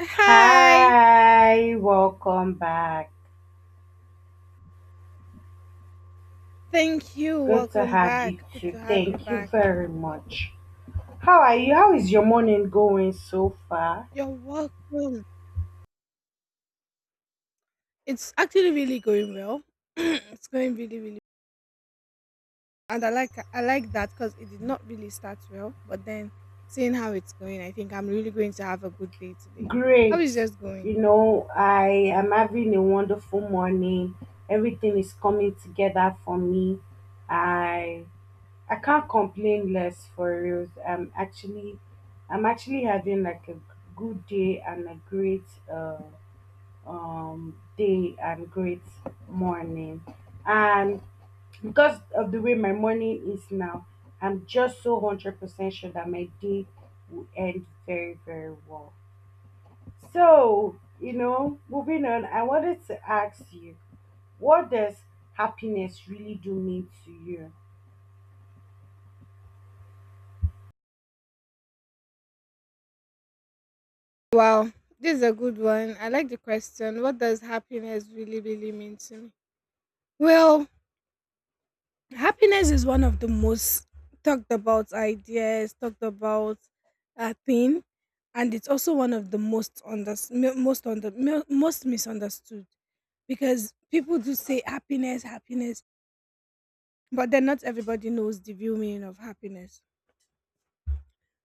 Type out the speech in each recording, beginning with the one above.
Hi. Hi, welcome back. Thank you. Good to Welcome have you back. Good to too. have you Thank you back. very much. How are you? How is your morning going so far? You're welcome. It's actually really going well. It's going really, really well. And I like that because it did not really start well, but then seeing how it's going, I think I'm really going to have a good day today. How Great. is yours going? You know, I am having a wonderful morning. Everything is coming together for me. I I can't complain less for real. I'm actually having like a good day and a great uh day and great morning. And because of the way my morning is now, I'm just so 100% sure that my day will end very, very well. So, you know, moving on, I wanted to ask you, what does happiness really do mean to you? Wow, this is a good one. I like the question. What does happiness really, really mean to me? Well, happiness is one of the most talked about ideas, talked about thing, and it's also one of the most most misunderstood because people do say happiness, happiness, but then not everybody knows the real meaning of happiness.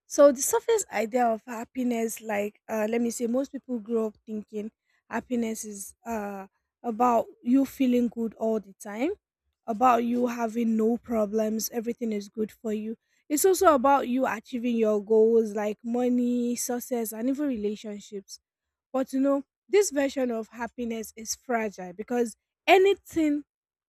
So the surface idea of happiness, like let me say, most people grow up thinking happiness is about you feeling good all the time, about you having no problems, everything is good for you. It's also about you achieving your goals like money, success, and even relationships, but you know, this version of happiness is fragile because anything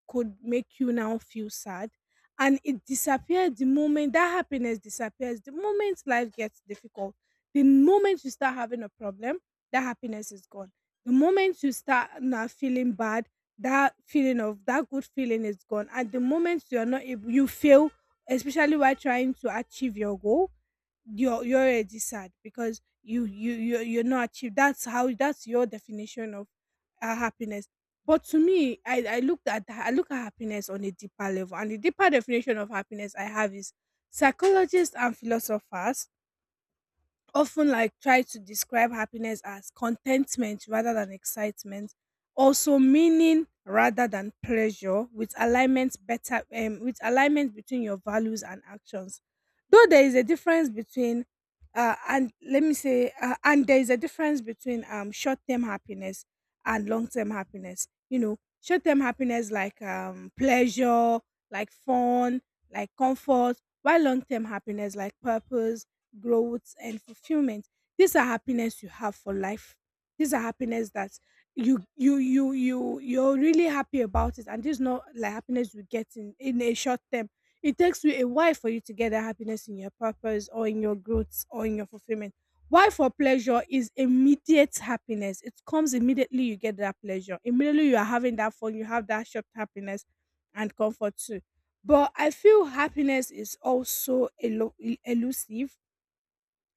could make you now feel sad and it disappears the moment that happiness disappears, the moment life gets difficult, the moment you start having a problem, that happiness is gone. The moment you start now feeling bad, that feeling of that good feeling is gone. At the moment you are not able, you fail, especially while trying to achieve your goal, you're already sad because you're not achieved. That's your definition of happiness. But to me, I look at happiness on a deeper level, and the deeper definition of happiness I have is psychologists and philosophers often like try to describe happiness as contentment rather than excitement, also meaning rather than pleasure, with alignment better with alignment between your values and actions, though there is a difference between and let me say and there is a difference between short-term happiness and long-term happiness. You know, short-term happiness like pleasure, like fun, like comfort, while long-term happiness like purpose, growth and fulfillment. These are happiness you have for life. These are happiness that you're really happy about, it and this is not like happiness you get in a short term. It takes you a while for you to get that happiness in your purpose or in your growth or in your fulfillment. Why for pleasure is immediate happiness, it comes immediately. You get that pleasure immediately, you are having that fun, you have that short happiness. And comfort too. But I feel happiness is also elusive,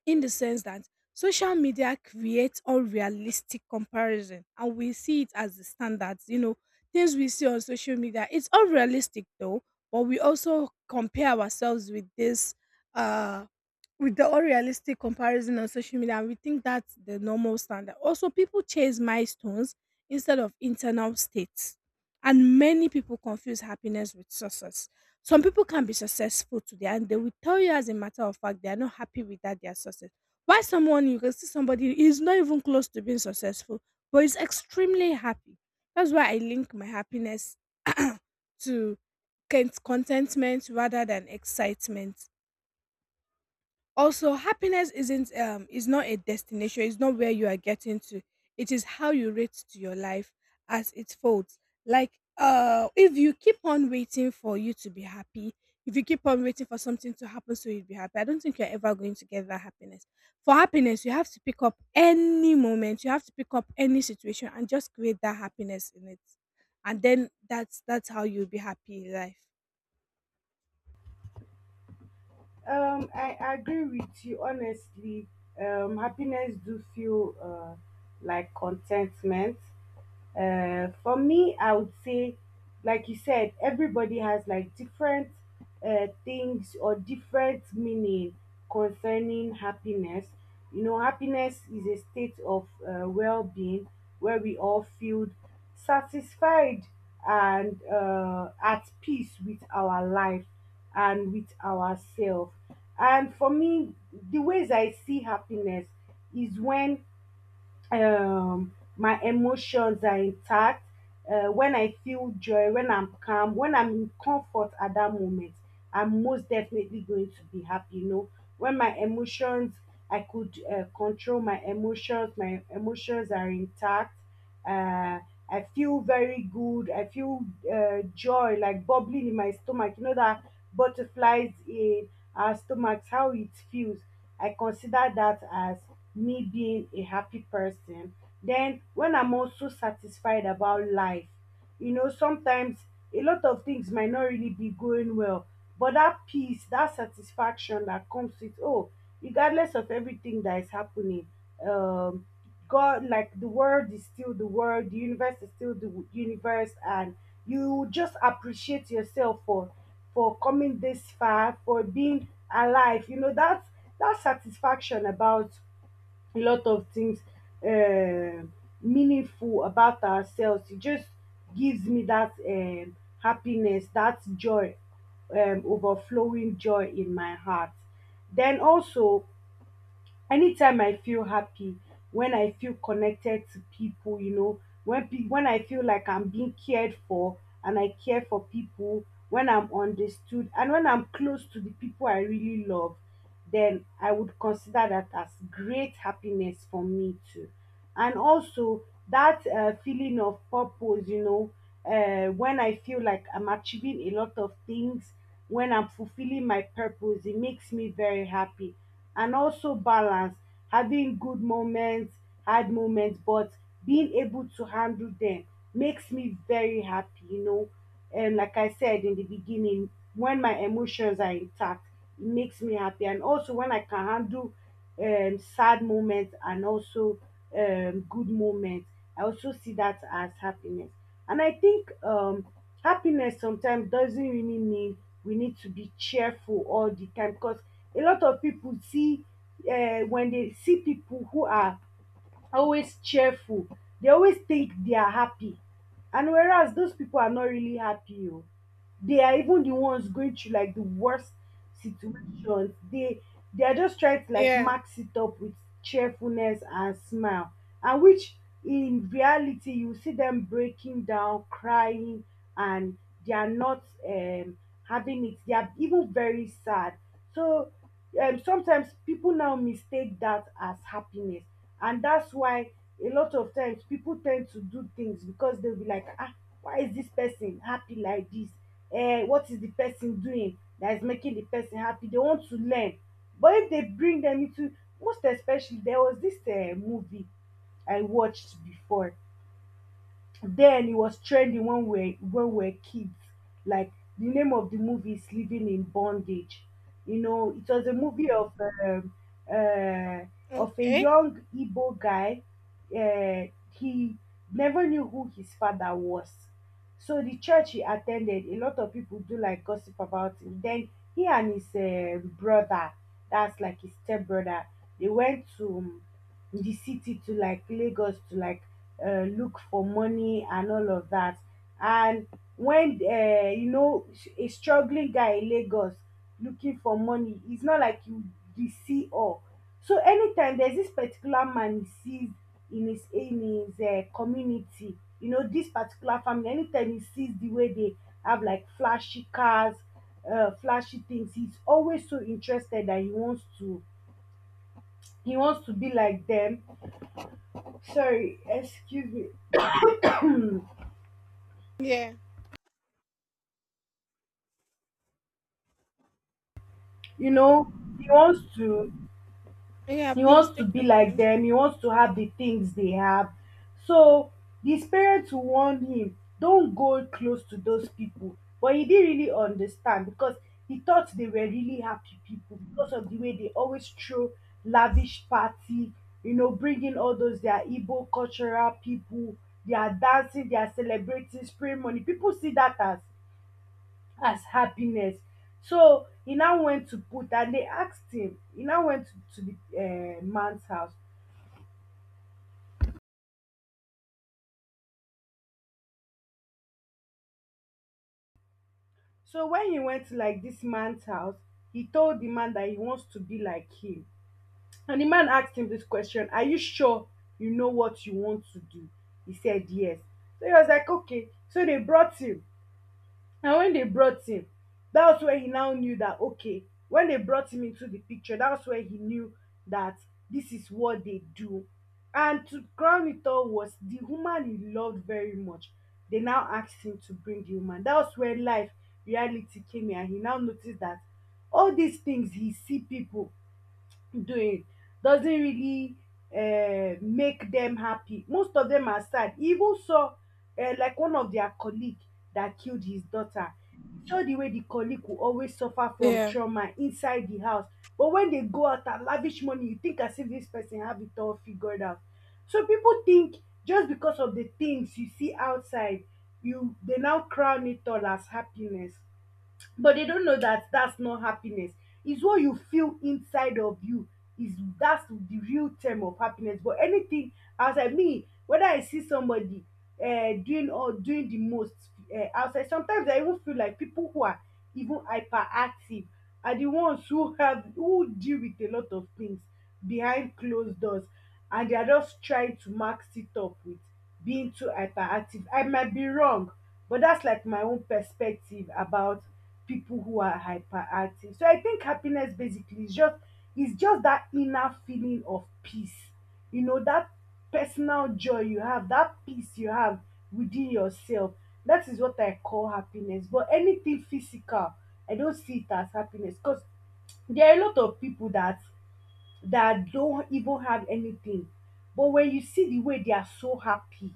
in the sense that social media creates unrealistic comparison and we see it as the standards. You know, things we see on social media, it's unrealistic though, but we also compare ourselves with this uh with the unrealistic comparison on social media and we think that's the normal standard. Also people chase milestones instead of internal states, and many people confuse happiness with success. Some people can be successful today and they will tell you, as a matter of fact, they are not happy with that their success. Why, someone, you can see somebody is not even close to being successful but is extremely happy. That's why I link my happiness to contentment rather than excitement. Also, happiness isn't is not a destination, it's not where you are getting to. It is how you rate to your life as it folds. Like if you keep on waiting for you to be happy, if you keep on waiting for something to happen so you'll be happy, I don't think you're ever going to get that happiness. For happiness, you have to pick up any moment, you have to pick up any situation and just create that happiness in it. And then that's how you'll be happy in life. I agree with you, honestly. Happiness do feel like contentment. For me, I would say, like you said, everybody has like different things or different meaning concerning happiness. You know, happiness is a state of well being where we all feel satisfied and, at peace with our life and with ourselves. And for me, the ways I see happiness is when my emotions are intact, when I feel joy, when I'm calm, when I'm in comfort. At that moment I'm most definitely going to be happy, you know, when my emotions, I could control my emotions, my emotions are intact. uh, I feel very good. I feel joy like bubbling in my stomach. You know that butterflies in our stomachs, how it feels. I consider that as me being a happy person. Then when I'm also satisfied about life, you know, sometimes a lot of things might not really be going well, but that peace, that satisfaction that comes with oh, regardless of everything that is happening, um, God, like the world is still the world, the universe is still the universe, and you just appreciate yourself for coming this far, for being alive. You know, that's that satisfaction about a lot of things uh, meaningful about ourselves. It just gives me that, happiness, that joy, overflowing joy in my heart. Then also, anytime I feel happy, when I feel connected to people, you know, when when I feel like I'm being cared for and I care for people, when I'm understood and when I'm close to the people I really love, then I would consider that as great happiness for me too. And also that feeling of purpose, you know, when I feel like I'm achieving a lot of things, when I'm fulfilling my purpose. It makes me very happy. And also balance, having good moments, hard moments, but being able to handle them makes me very happy, you know. And like I said in the beginning, when my emotions are intact, it makes me happy. And also when I can handle sad moments and also good moments. I also see that as happiness. And I think happiness sometimes doesn't really mean we need to be cheerful all the time, because a lot of people see, when they see people who are always cheerful, they always think they are happy, and whereas those people are not really happy oh, they are even the ones going through like the worst situations. They are just trying to like Yeah. max it up with cheerfulness and smile, and which in reality you see them breaking down crying, and they are not having it, they are even very sad. So, sometimes people now mistake that as happiness, and that's why a lot of times people tend to do things because they'll be like, ah, why is this person happy like this, eh, what is the person doing that is making the person happy, they want to learn. But if they bring them into, most especially there was this movie I watched before, then it was trending when we were kids. Like, the name of the movie is Living in Bondage. You know, it was a movie um, uh, of a Okay. young Igbo guy. He never knew who his father was. So the church he attended, a lot of people do like gossip about him. Then he and his brother, that's like his step brother, they went to, the city, to like Lagos, to like look for money and all of that. And when you know, a struggling guy in Lagos looking for money, it's not like you see all. So anytime there's this particular man he sees in his community, you know this particular family. Anytime he sees the way they have like flashy cars, flashy things, he's always so interested that he wants to be like them, sorry, excuse me, Yeah. you know, he wants to Yeah. he Please wants to take be your like time. them, he wants to have the things they have. So his parents will warn him, don't go close to those people, but he didn't really understand because he thought they were really happy people, because of the way they always throw lavish party. You know, bringing all those their Igbo cultural people, they are dancing, they are celebrating, spring money, people see that as happiness. So e now went to put and they asked him, he now went to the man's house. So when he went to like this man's house, he told the man that he wants to be like him. And the man asked him this question, are you sure you know what you want to do? He said yes. So he was like, okay, so they brought him. And when they brought him, that's where he now knew that, okay, when they brought him into the picture, that's where he knew that this is what they do. And to crown it all was the woman he loved very much. They now asked him to bring the woman. That's where life reality came in and he now noticed that all these things he see people doing doesn't really make them happy. Most of them are sad. He even saw like one of their colleague that killed his daughter. He saw the way the colleague will always suffer from Yeah. trauma inside the house. But when they go out and lavish money, you think as if this person have it all figured out. So people think, just because of the things you see outside, you they now crown it all as happiness, but they don't know that that's not happiness. It's what you feel inside of you is, that's the real term of happiness. But anything outside me, whether I see somebody doing, or doing the most outside, sometimes I even feel like people who are even hyperactive are the ones who have, who deal with a lot of things behind closed doors, and they are just trying to max it up with being too hyperactive. I might be wrong, but that's like my own perspective about people who are hyperactive. So I think happiness basically is just that inner feeling of peace. You know, that personal joy you have, that peace you have within yourself. That is what I call happiness. But anything physical, I don't see it as happiness because there are a lot of people that don't even have anything. But when you see the way they are so happy,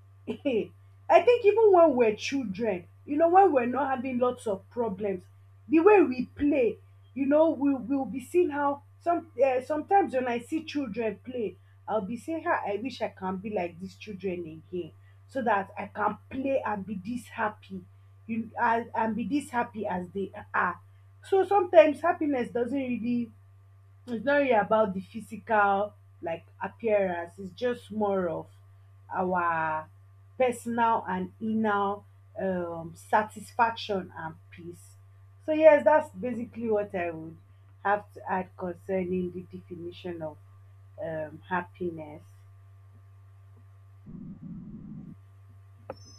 I think even when we're children, you know, when we're not having lots of problems, the way we play, you know, we will be seeing how some sometimes when I see children play, I'll be saying, "Ah, I wish I can be like these children again, so that I can play and be this happy, you and be this happy as they are." So sometimes happiness doesn't really, it's not really about the physical like appearance, it's just more of our personal and inner satisfaction and peace. So yes, that's basically what I would have to add concerning the definition of happiness.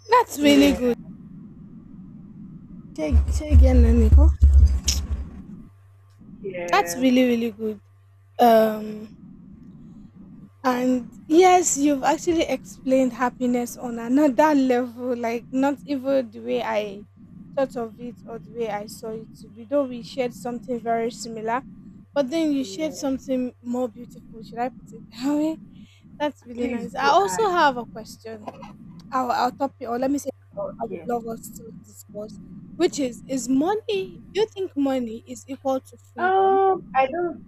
That's really Yeah. good. Say again, Naniko. That's Yeah. really, really good. Um, and yes, you've actually explained happiness on another level, like not even the way I thought of it or the way I saw it to be, though we shared something very similar, but then you shared Yeah, something more beautiful. Should I put it that way? That's really please nice. I do also ask. have a question. Our topic, or let me say, I would Okay. love us to discuss, which is money, do you think money is equal to freedom? I don't.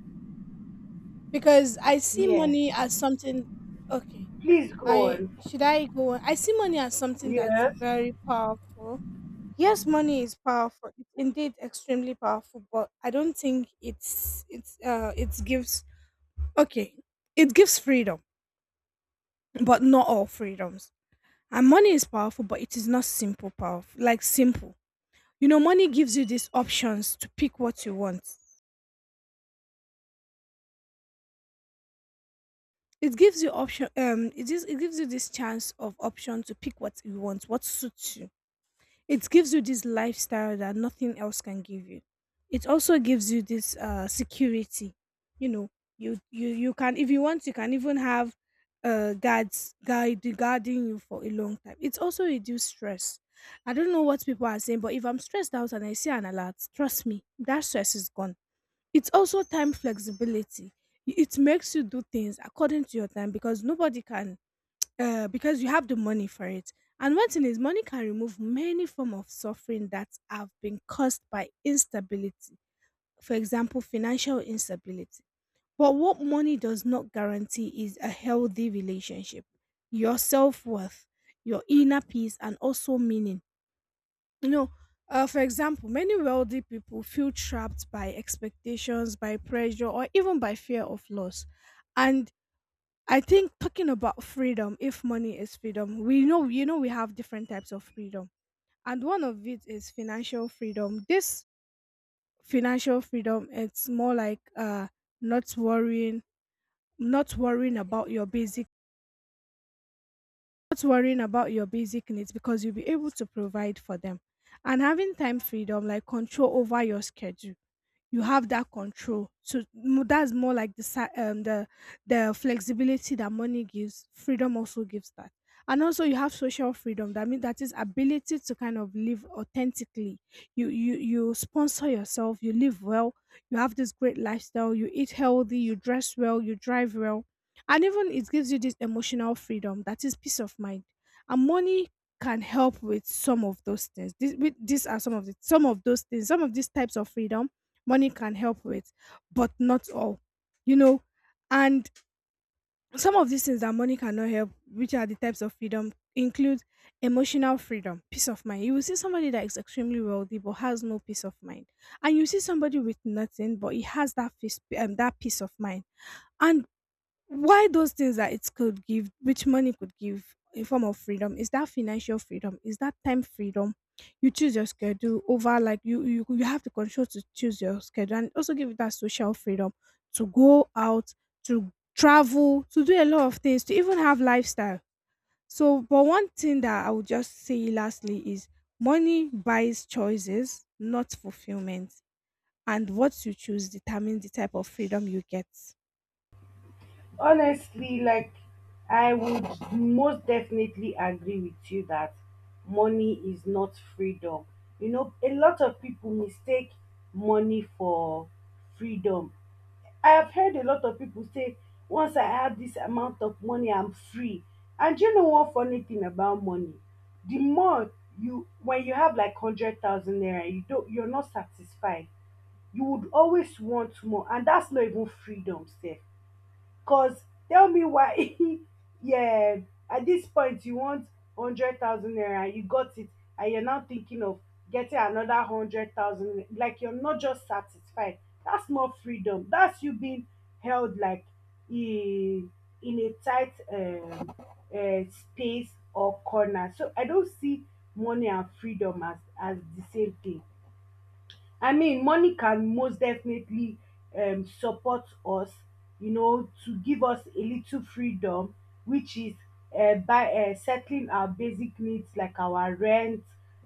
Because I see Yeah, money as something, okay. please go I on. should I go on? I see money as something that's Yes. very powerful. Yes, money is powerful. It's indeed extremely powerful, but I don't think it's it gives, okay. It gives freedom, but not all freedoms. And money is powerful, but it is not simple powerful, like simple. You know, money gives you these options to pick what you want. It gives you option, it gives you this chance of option to pick what you want, what suits you. It gives you this lifestyle that nothing else can give you. It also gives you this security. You know, you can, if you want, you can even have guards guide guarding you for a long time. It's also reduce stress. I don't know what people are saying, but if I'm stressed out and I see an alert, trust me, that stress is gone. It's also time flexibility. I- It makes you do things according to your time because nobody can, because you have the money for it. And one thing is, money can remove many form of suffering that have been caused by instability. For example, financial instability. But what money does not guarantee is a healthy relationship, your self worth, your inner peace, and also meaning. You know, for example, many wealthy people feel trapped by expectations, by pressure, or even by fear of loss. And I think, talking about freedom, if money is freedom, we know, you know, we have different types of freedom, and one of it is financial freedom. This financial freedom, it's more like not worrying, not worrying about your basic not worrying about your basic needs because you'll be able to provide for them, and having time freedom, like control over your schedule. You have that control. So that's more like the the flexibility that money gives. Freedom also gives that. And also you have social freedom. That means that is ability to kind of live authentically. You sponsor yourself. You live well. You have this great lifestyle. You eat healthy. You dress well. You drive well. And even it gives you this emotional freedom. That is peace of mind. And money can help with some of those things. These are some of the some of those things, some of these types of freedom money can help with, but not all, you know. And some of these things that money cannot help, which are the types of freedom, include emotional freedom, peace of mind. You will see somebody that is extremely wealthy but has no peace of mind, and you see somebody with nothing but he has that peace of mind. And why those things that it could give, which money could give in form of freedom, is that financial freedom, is that time freedom. You choose your schedule over, like you have the control to choose your schedule, and also give you that social freedom to go out, to travel, to do a lot of things, to even have lifestyle. So, but one thing that I would just say lastly is money buys choices, not fulfillment, and what you choose determines the type of freedom you get. Honestly, like, I would most definitely agree with you that money is not freedom. You know, a lot of people mistake money for freedom. I have heard a lot of people say, once I have this amount of money, I'm free. And do you know one funny thing about money? The more you, when you have like 100,000 naira, you don't, you're not satisfied. You would always want more, and that's not even freedom, sef. Cause tell me why. Yeah, at this point you want 100,000 naira and you got it, and you're now thinking of getting another 100,000, like you're not just satisfied. That's not freedom. That's you being held like in a tight space or corner. So I don't see money and freedom as the same thing. I mean, money can most definitely support us, to give us a little freedom, which is by settling our basic needs like our rent,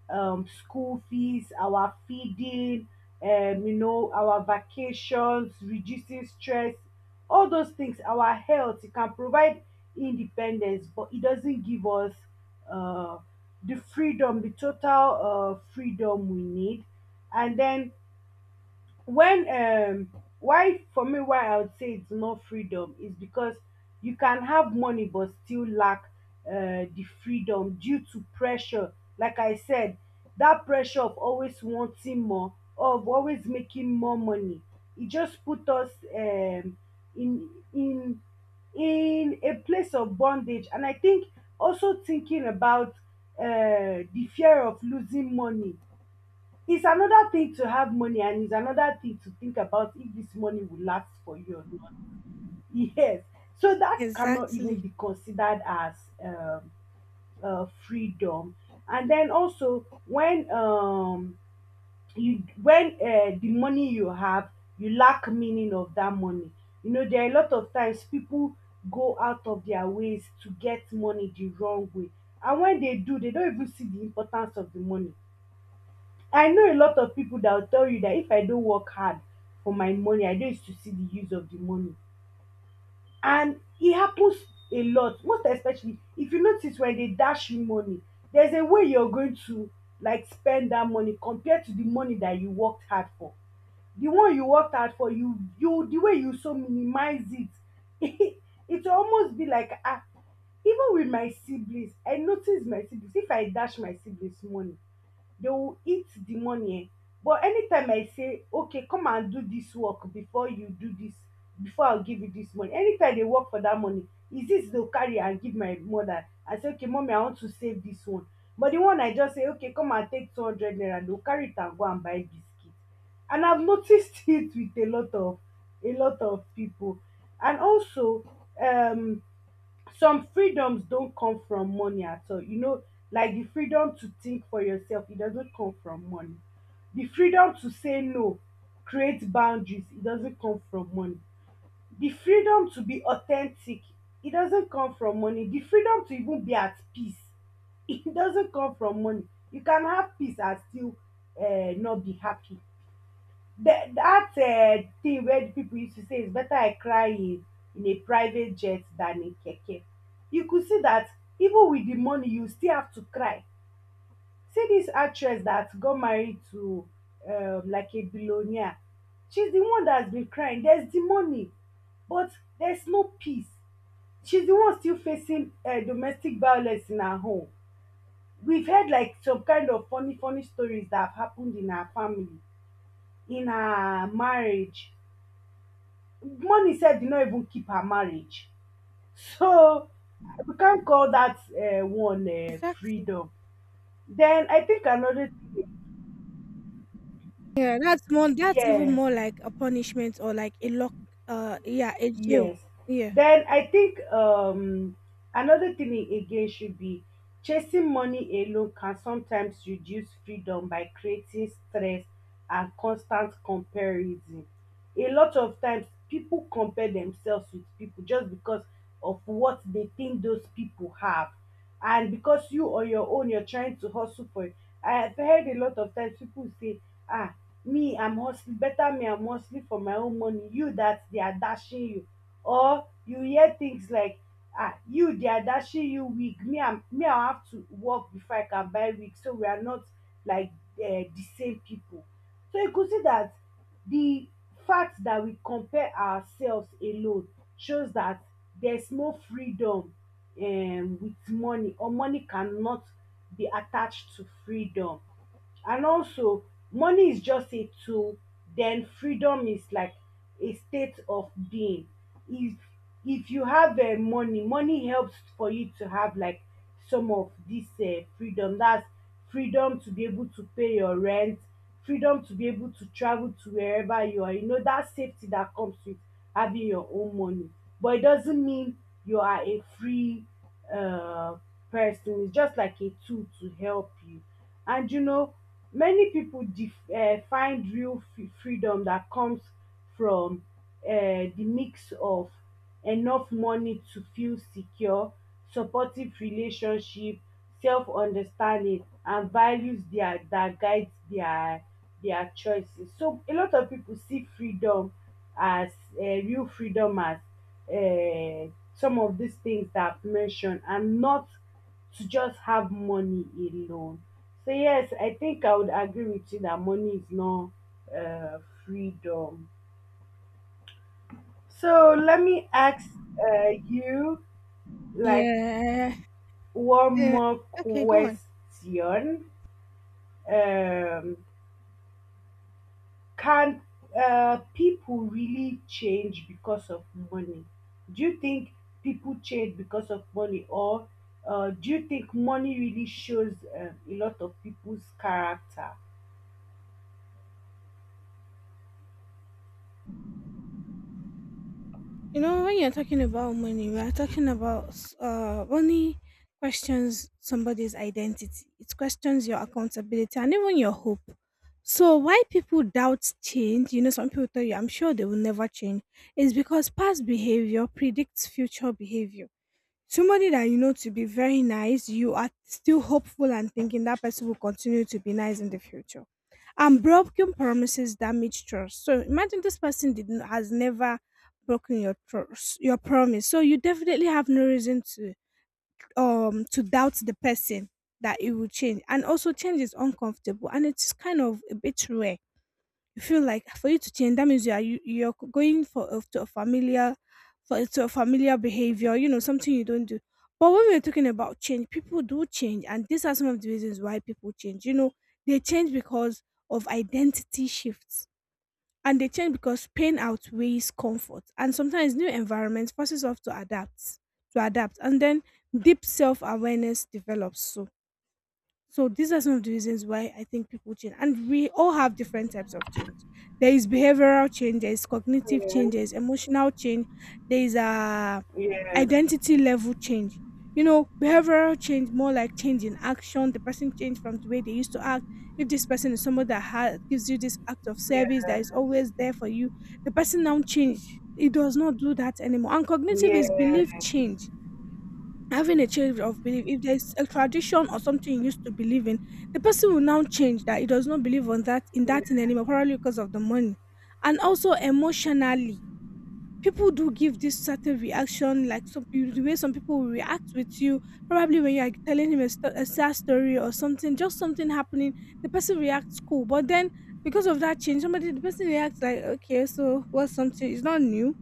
school fees, our feeding, our vacations, reducing stress, all those things, our health. It can provide independence, but it doesn't give us uh, the freedom, the total freedom we need. And then when why for me why I would say it's not freedom is because you can have money but still lack the freedom due to pressure like I said. That pressure of always wanting more, of always making more money, it just put us in in in a place of bondage. And I think also thinking about the fear of losing money. It's another thing to have money and it's another thing to think about if this money will last for you or not. Yes. So that cannot even Exactly. be considered as um, freedom. And then also when you when the money you have, you lack meaning of that money. You know, there are a lot of times people go out of their ways to get money the wrong way. And when they do, they don't even see the importance of the money. I know a lot of people that will tell you that if I don't work hard for my money, I no used to see the use of the money. And e happens a lot, most especially if you notice when they dash you money, there's a way you're going to like spend that money compared to the money that you worked hard for. The one you worked hard for, you the way you so minimize it it will almost be like ah. Even with my siblings, I notice my siblings, if I dash my siblings money, they will eat the money, but anytime I say okay come and do this work before you do this, before I give you this money, anytime they work for that money is this they will carry and give my mother. I say okay mommy, I want to save this one. But the one I just say okay come and take 200 naira, they will carry it and go and buy biscuit. And I've noticed it with a lot of, a lot of people. And also, um some freedoms don't come from money at all, you know, like the freedom to think for yourself, it doesn't come from money. The freedom to say no, create boundaries, it doesn't come from money. The freedom to be authentic, it doesn't come from money. The freedom to even be at peace, it doesn't come from money. You can have peace and still not be happy. That thing where the people used to say it's better I cry in a private jet than in keke. You could see that even with the money, you still have to cry. See this actress that got married to like a billionaire. She's the one that's been crying. There's the money, but there's no peace. She's the one still facing domestic violence in her home. We've heard like some kind of funny, funny stories that have happened in her family, in her marriage. Money said did not even keep her marriage. So we can't call that one Exactly. freedom. Then I think another thing, Yeah, that's more, that's even yes. more like a punishment or like a lock, yeah, a jail. Yes. Yeah. Then I think another thing again should be, chasing money alone can sometimes reduce freedom by creating stress and constant comparison. A lot of times, people compare themselves with people just because of what they think those people have. And because you on your own, you're trying to hustle for it. I've heard a lot of times people say, ah, me I'm hustling better, me I'm hustling for my own money, you that they are dashing you. Or you hear things like ah, you they are dashing you wig, me I'm, me I have to work before I can buy wig, so we are not like uh, the same people. So you could see that the fact that we compare ourselves alone shows that there's no freedom with money, or money cannot be attached to freedom. And also, money is just a tool, then freedom is like a state of being. If if you have money, money helps for you to have like some of this freedom. That's freedom to be able to pay your rent, freedom to be able to travel to wherever you are. You know that safety that comes with having your own money. But it doesn't mean you are a free uh, person. It's just like a tool to help you. And you know, many people find real freedom that comes from the mix of enough money to feel secure, supportive relationship, self understanding, and values that guides their choices. So a lot of people see freedom as real freedom as uh, some of these things that I've mentioned, and not to just have money alone. So yes, I think I would agree with you that money is not uh, freedom. So let me ask you, like Yeah. one Yeah. more Okay, go on. question. Um, can people really change because of money? Do you think people change because of money, or do you think money really shows a lot of people's character? You know, when you're talking about money, we're talking about money questions somebody's identity. It questions your accountability and even your hope. So why people doubt change, you know, some people tell you I'm sure they will never change, is because past behavior predicts future behavior. Somebody that you know to be very nice, you are still hopeful and thinking that person will continue to be nice in the future. And broken promises damage trust. So imagine this person did not, has never broken your trust, your promise. So you definitely have no reason to doubt the person that it will change. And also change is uncomfortable and it's kind of a bit rare. You feel like for you to change that means you are you, you're c- going to a to a familiar behavior, you know, something you don't do. But when we're talking about change, people do change, and these are some of the reasons why people change, you know. They change because of identity shifts, and they change because pain outweighs comfort, and sometimes new environments forces us to adapt. And then deep self-awareness develops. So, so these are some of the reasons why I think people change. And we all have different types of change. There is behavioral change, there is cognitive Yeah, change, there is emotional change, there is a yeah, identity level change. You know, behavioral change, more like change in action. The person changed from the way they used to act. If this person is someone that gives you this act of service that is yeah. always there for you, the person now changed. It does not do that anymore. And cognitive Yeah, is belief change, having a change of belief. If there's a tradition or something you used to believe in, the person will now change that he does not believe on that in that thing yeah, anymore, probably because of the money. And also, emotionally, people do give this certain reaction, like the way some people will react with you, probably when you're telling him a sad story or something, just something happening, the person reacts cool. But then because of that change somebody the person reacts like, okay, so what's something, it's not new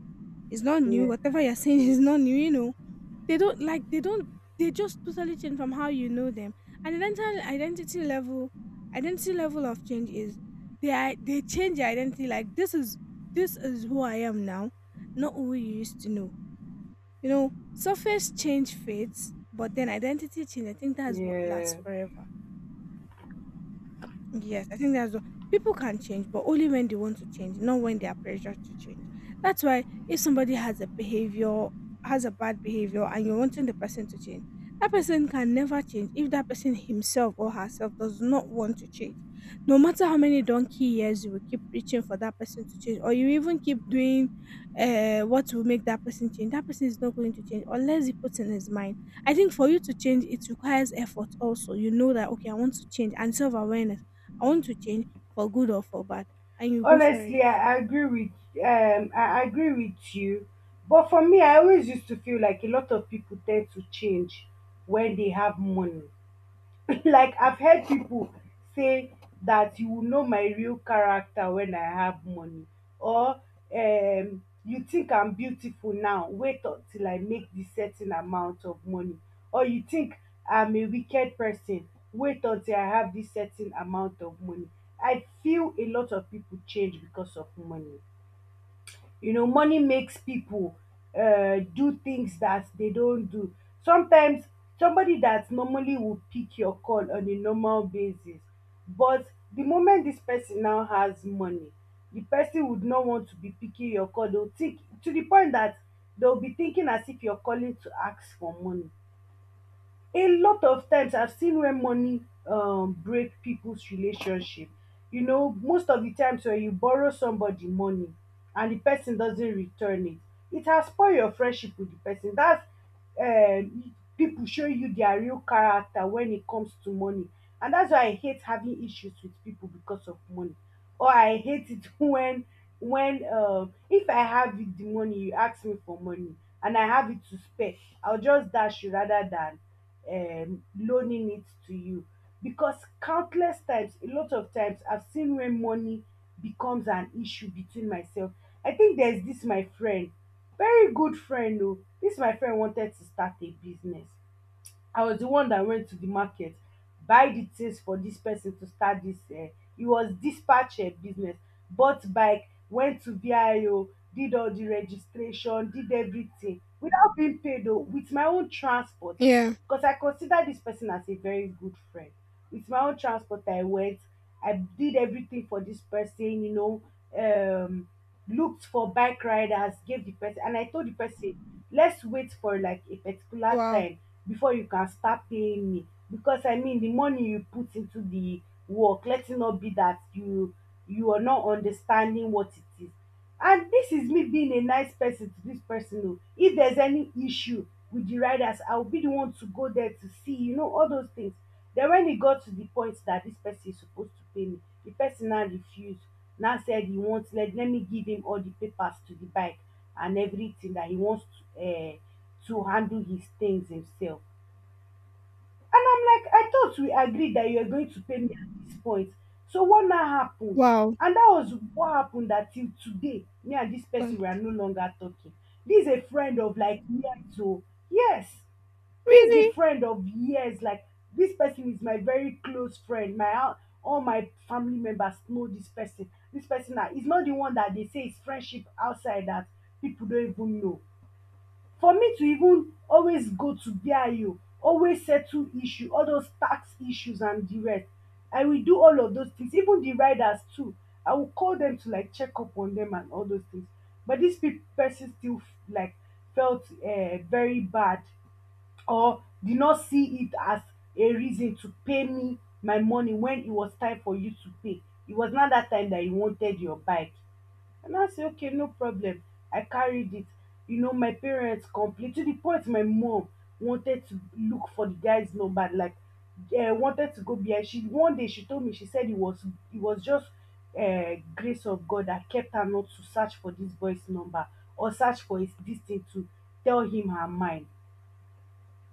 it's not new yeah. whatever you're saying is not new, you know. They don't like they don't they just totally change from how you know them. And identity level of change is they change their identity, like, this is who I am now, not who you used to know. You know, surface change fades, but then identity change, I think that's what lasts Yeah. forever. Yes, I think that's what. People can change, but only when they want to change, not when they are pressured to change. That's why if somebody has a bad behavior, and you're wanting the person to change, that person can never change if that person himself or herself does not want to change. No matter how many donkey years you will keep preaching for that person to change, or you even keep doing what will make that person change, that person is not going to change unless he puts in his mind. I think for you to change, it requires effort also. You know that, okay, I want to change, and self awareness, I want to change for good or for bad, and you go for it. Honestly, I agree with you. But for me, I always used to feel like a lot of people tend to change when they have money. Like I've heard pipu say dat you will know my real character wen I have money. Or you think I'm beautiful now, wait until I make dis certain amount of money. Or you think I'm a wicked person, wait until I have dis certain amount of money. I feel a lot of pipu change because of money. You know, money makes people do things that they don't do sometimes. Somebody that normally would pick your call on a normal basis, but the moment this person now has money, the person would not want to be picking your call. They'll think to the point that they'll be thinking as if you're calling to ask for money. A lot of times I've seen where money break people's relationship. You know, most of the times when you borrow somebody money and the person doesn't return it, it has spoil your friendship with the person. That's people show you their real character when it comes to money. And that's why I hate having issues with people because of money, or I hate it when if I have it, the money, you ask me for money and I have it to spare, I'll just dash you rather than loaning it to you. Because countless times, a lot of times I've seen when money becomes an issue between myself. I think there's this my friend, very good friend. Oh, this my friend wanted to start a business. I was the one that went to the market, buy the things for this person to start this. It was dispatch business. Bought bike, went to VIO, did all the registration, did everything without being paid though, with my own transport. Yeah. Because I consider this person as a very good friend. With my own transport, I went. I did everything for this person, you know, um, looked for bike riders, gave the person, and I told the person, let's wait for like a particular Wow. time before you can start paying me. Because I mean, the money you put into the work, let it not be that you are not understanding what it is. And this is me being a nice person to this person o. If there's any issue with the riders, I will be the one to go there to see, you know, all those things. Then when it got to the point that this person is supposed to pay me, the person now refused, now said he wants, let me give him all the papers to the bike and everything that he wants to, uh, to handle his things himself. And I'm like, I thought we agreed that you're going to pay me at this point. So what now happened? Wow. And that was what happened that till today, me and this person Um, we are no longer talking. This is a friend of like years old. Yes. This is the really? friend of years. Like this person is my very close friend. My all my family members know this person. This person now is not the one that they say is friendship outside that people don't even know. For me to even always go to Bio, always settle issue, all those tax issues and the rest, I will do all of those things, even the riders too, I will call them to like check up on them and all those things. But this person still like felt very bad, or did not see it as a reason to pay me my money when it was time for you to pay. It was not that time that you wanted your bike. And I say, okay, no problem. I carried it. You know, my parents complained to the point my mom wanted to look for the guy's number, like wanted to go behind. She one day she told me she said it was just grace of God that kept her not to search for this boy's number or search for his this thing to tell him her mind.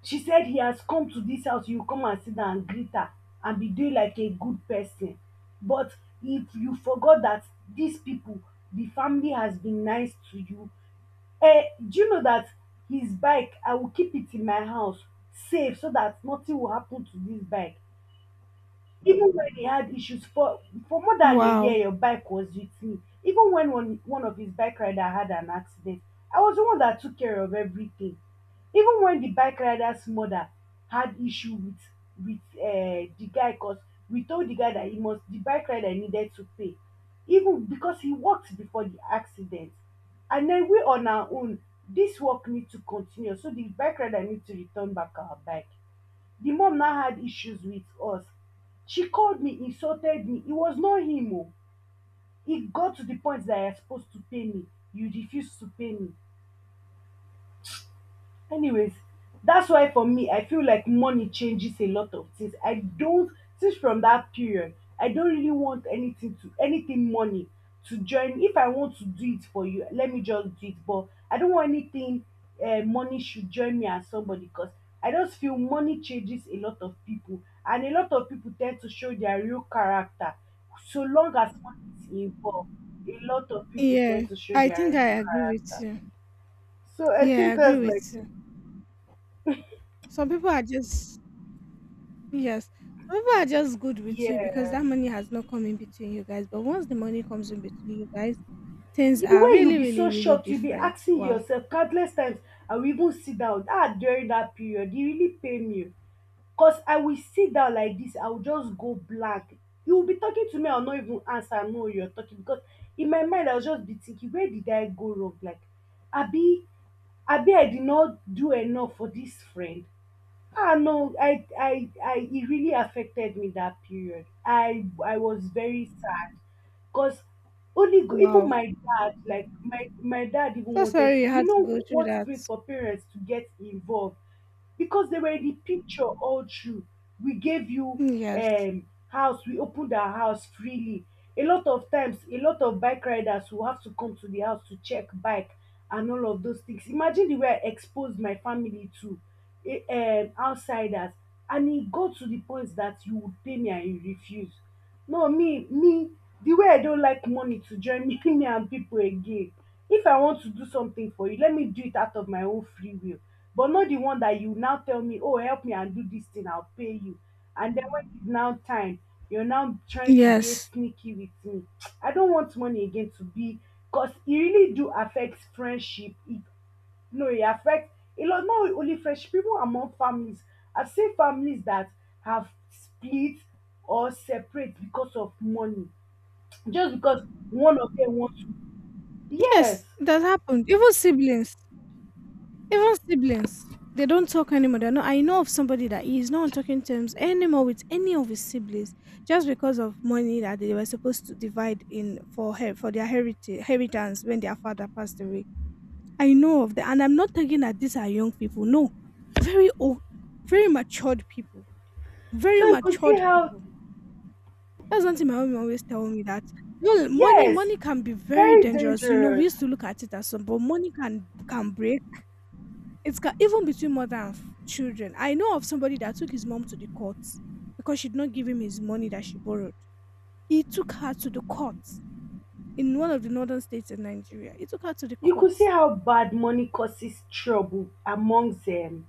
She said he has come to this house, you come and sit down and greet her and be doing like a good person. But if you forgot that these people, the family has been nice to you, eh, do you know that his bike, I will keep it in my house safe so that nothing will happen to this bike. Even when he had issues for more than a year, Wow. your bike was with me. Even when one of his bike rider had an accident, I was the one that took care of everything. Even when the bike rider's mother had issue with with the guy, cause we told the guy that he must the bike rider needed to pay, even because he worked before the accident. And then we on our own, this work need to continue, so the bike rider need to return back our bike. The mom now had issues with us. She called me, insulted me. It was not him oh. It got to the point that you're supposed to pay me. You refused to pay me. Anyways, that's why for me, I feel like money changes a lot of things. I don't since from that period, I don't really want anything to anything money to join. If I want to do it for you, let me just do it. But I don't want anything money should join me as somebody because I just feel money changes a lot of people, and a lot of people tend to show their real character. So long as money is involved, a lot of people Yeah, tend to show I think their I real agree with character. you. So I Yeah, I think agree that's like. with you. Some people are just, yes. Some people are just good with you because Yes. that money has not come in between you guys. But once the money comes in between you guys, things The are way you really, be really, so really shocked, you be different. asking Wow. yourself countless times, I will even sit down. Ah, during that period, e really pain me. Cause I will sit down like this, I will just go blank. You will be talking to me, I'll not even answer, I know you're talking. Because in my mind, I'll just be thinking, where did I go wrong? Like, Abi, I did not do enough for this friend. Ah no, it really affected me that period. I was very sad because even Wow. my dad, like my dad even So wanted sorry to, you you had to go know through what it that. means for parents to get involved. Because they were in the picture all through. We gave you Yes. House, we opened our house freely. A lot of times, a lot of bike riders will have to come to the house to check bike and all of those things. Imagine the way I exposed my family to eh, outsiders, and it got to the point that you would pay me and you refuse. No, the way I don't like money to join me and people again. If I want to do something for you, let me do it out of my own free will. But not the one that you now tell me, oh, help me and do this thing, I'll pay you. And then when it's now time, you're now trying to behave Yes. sneaky with me. I don't want money again to be, because it really do affects friendship. It no, it affects a lot, not only friendship, even among families. I've seen families that have split or separate because of money, just because one of them wants to. Yes. Yes, it does happen. Even siblings. Even siblings, they don't talk anymore. They're not, I know of somebody that he is not on talking terms anymore with any of his siblings just because of money that they were supposed to divide in for her for their heritage inheritance when their father passed away. I know of that, and I'm not thinking that these are young people. No, very old, very matured people, very So you could see matured how, people. That's something my mom always tell me that. Well, money, yes, money can be very very dangerous. You know, we dangerous. used to look at it as some, but money can break, it's ca even between mother and f children. I know of somebody that took his mom to the court because she did not give him his money that she borrowed. He took her to the court in one of the northern states in Nigeria. He took her to the You court. could see how bad money causes trouble amongst um,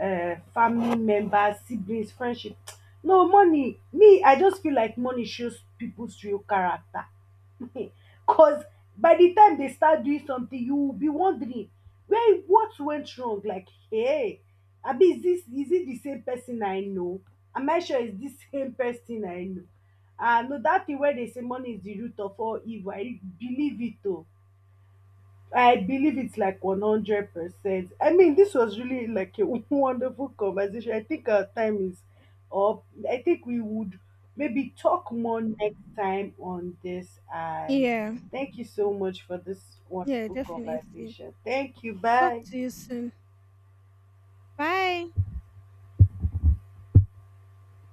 uh, family members, siblings, friendship. No, money, me, I just feel like money shows people's real character. Because by the time they start doing something, you will be wondering, where, what went wrong? Like, hey, Abi, is it the same person I know? Am I sure it's the same person I know? Ah, no, that thing where they say money is the root of all evil, I believe it though. I believe it's like 100%. I mean, this was really like a wonderful conversation. I think our time is up. I think we would maybe talk more next time on this. And Yeah. thank you so much for this Yeah, wonderful definitely. conversation. Thank you. Talk Bye. to you soon. Bye.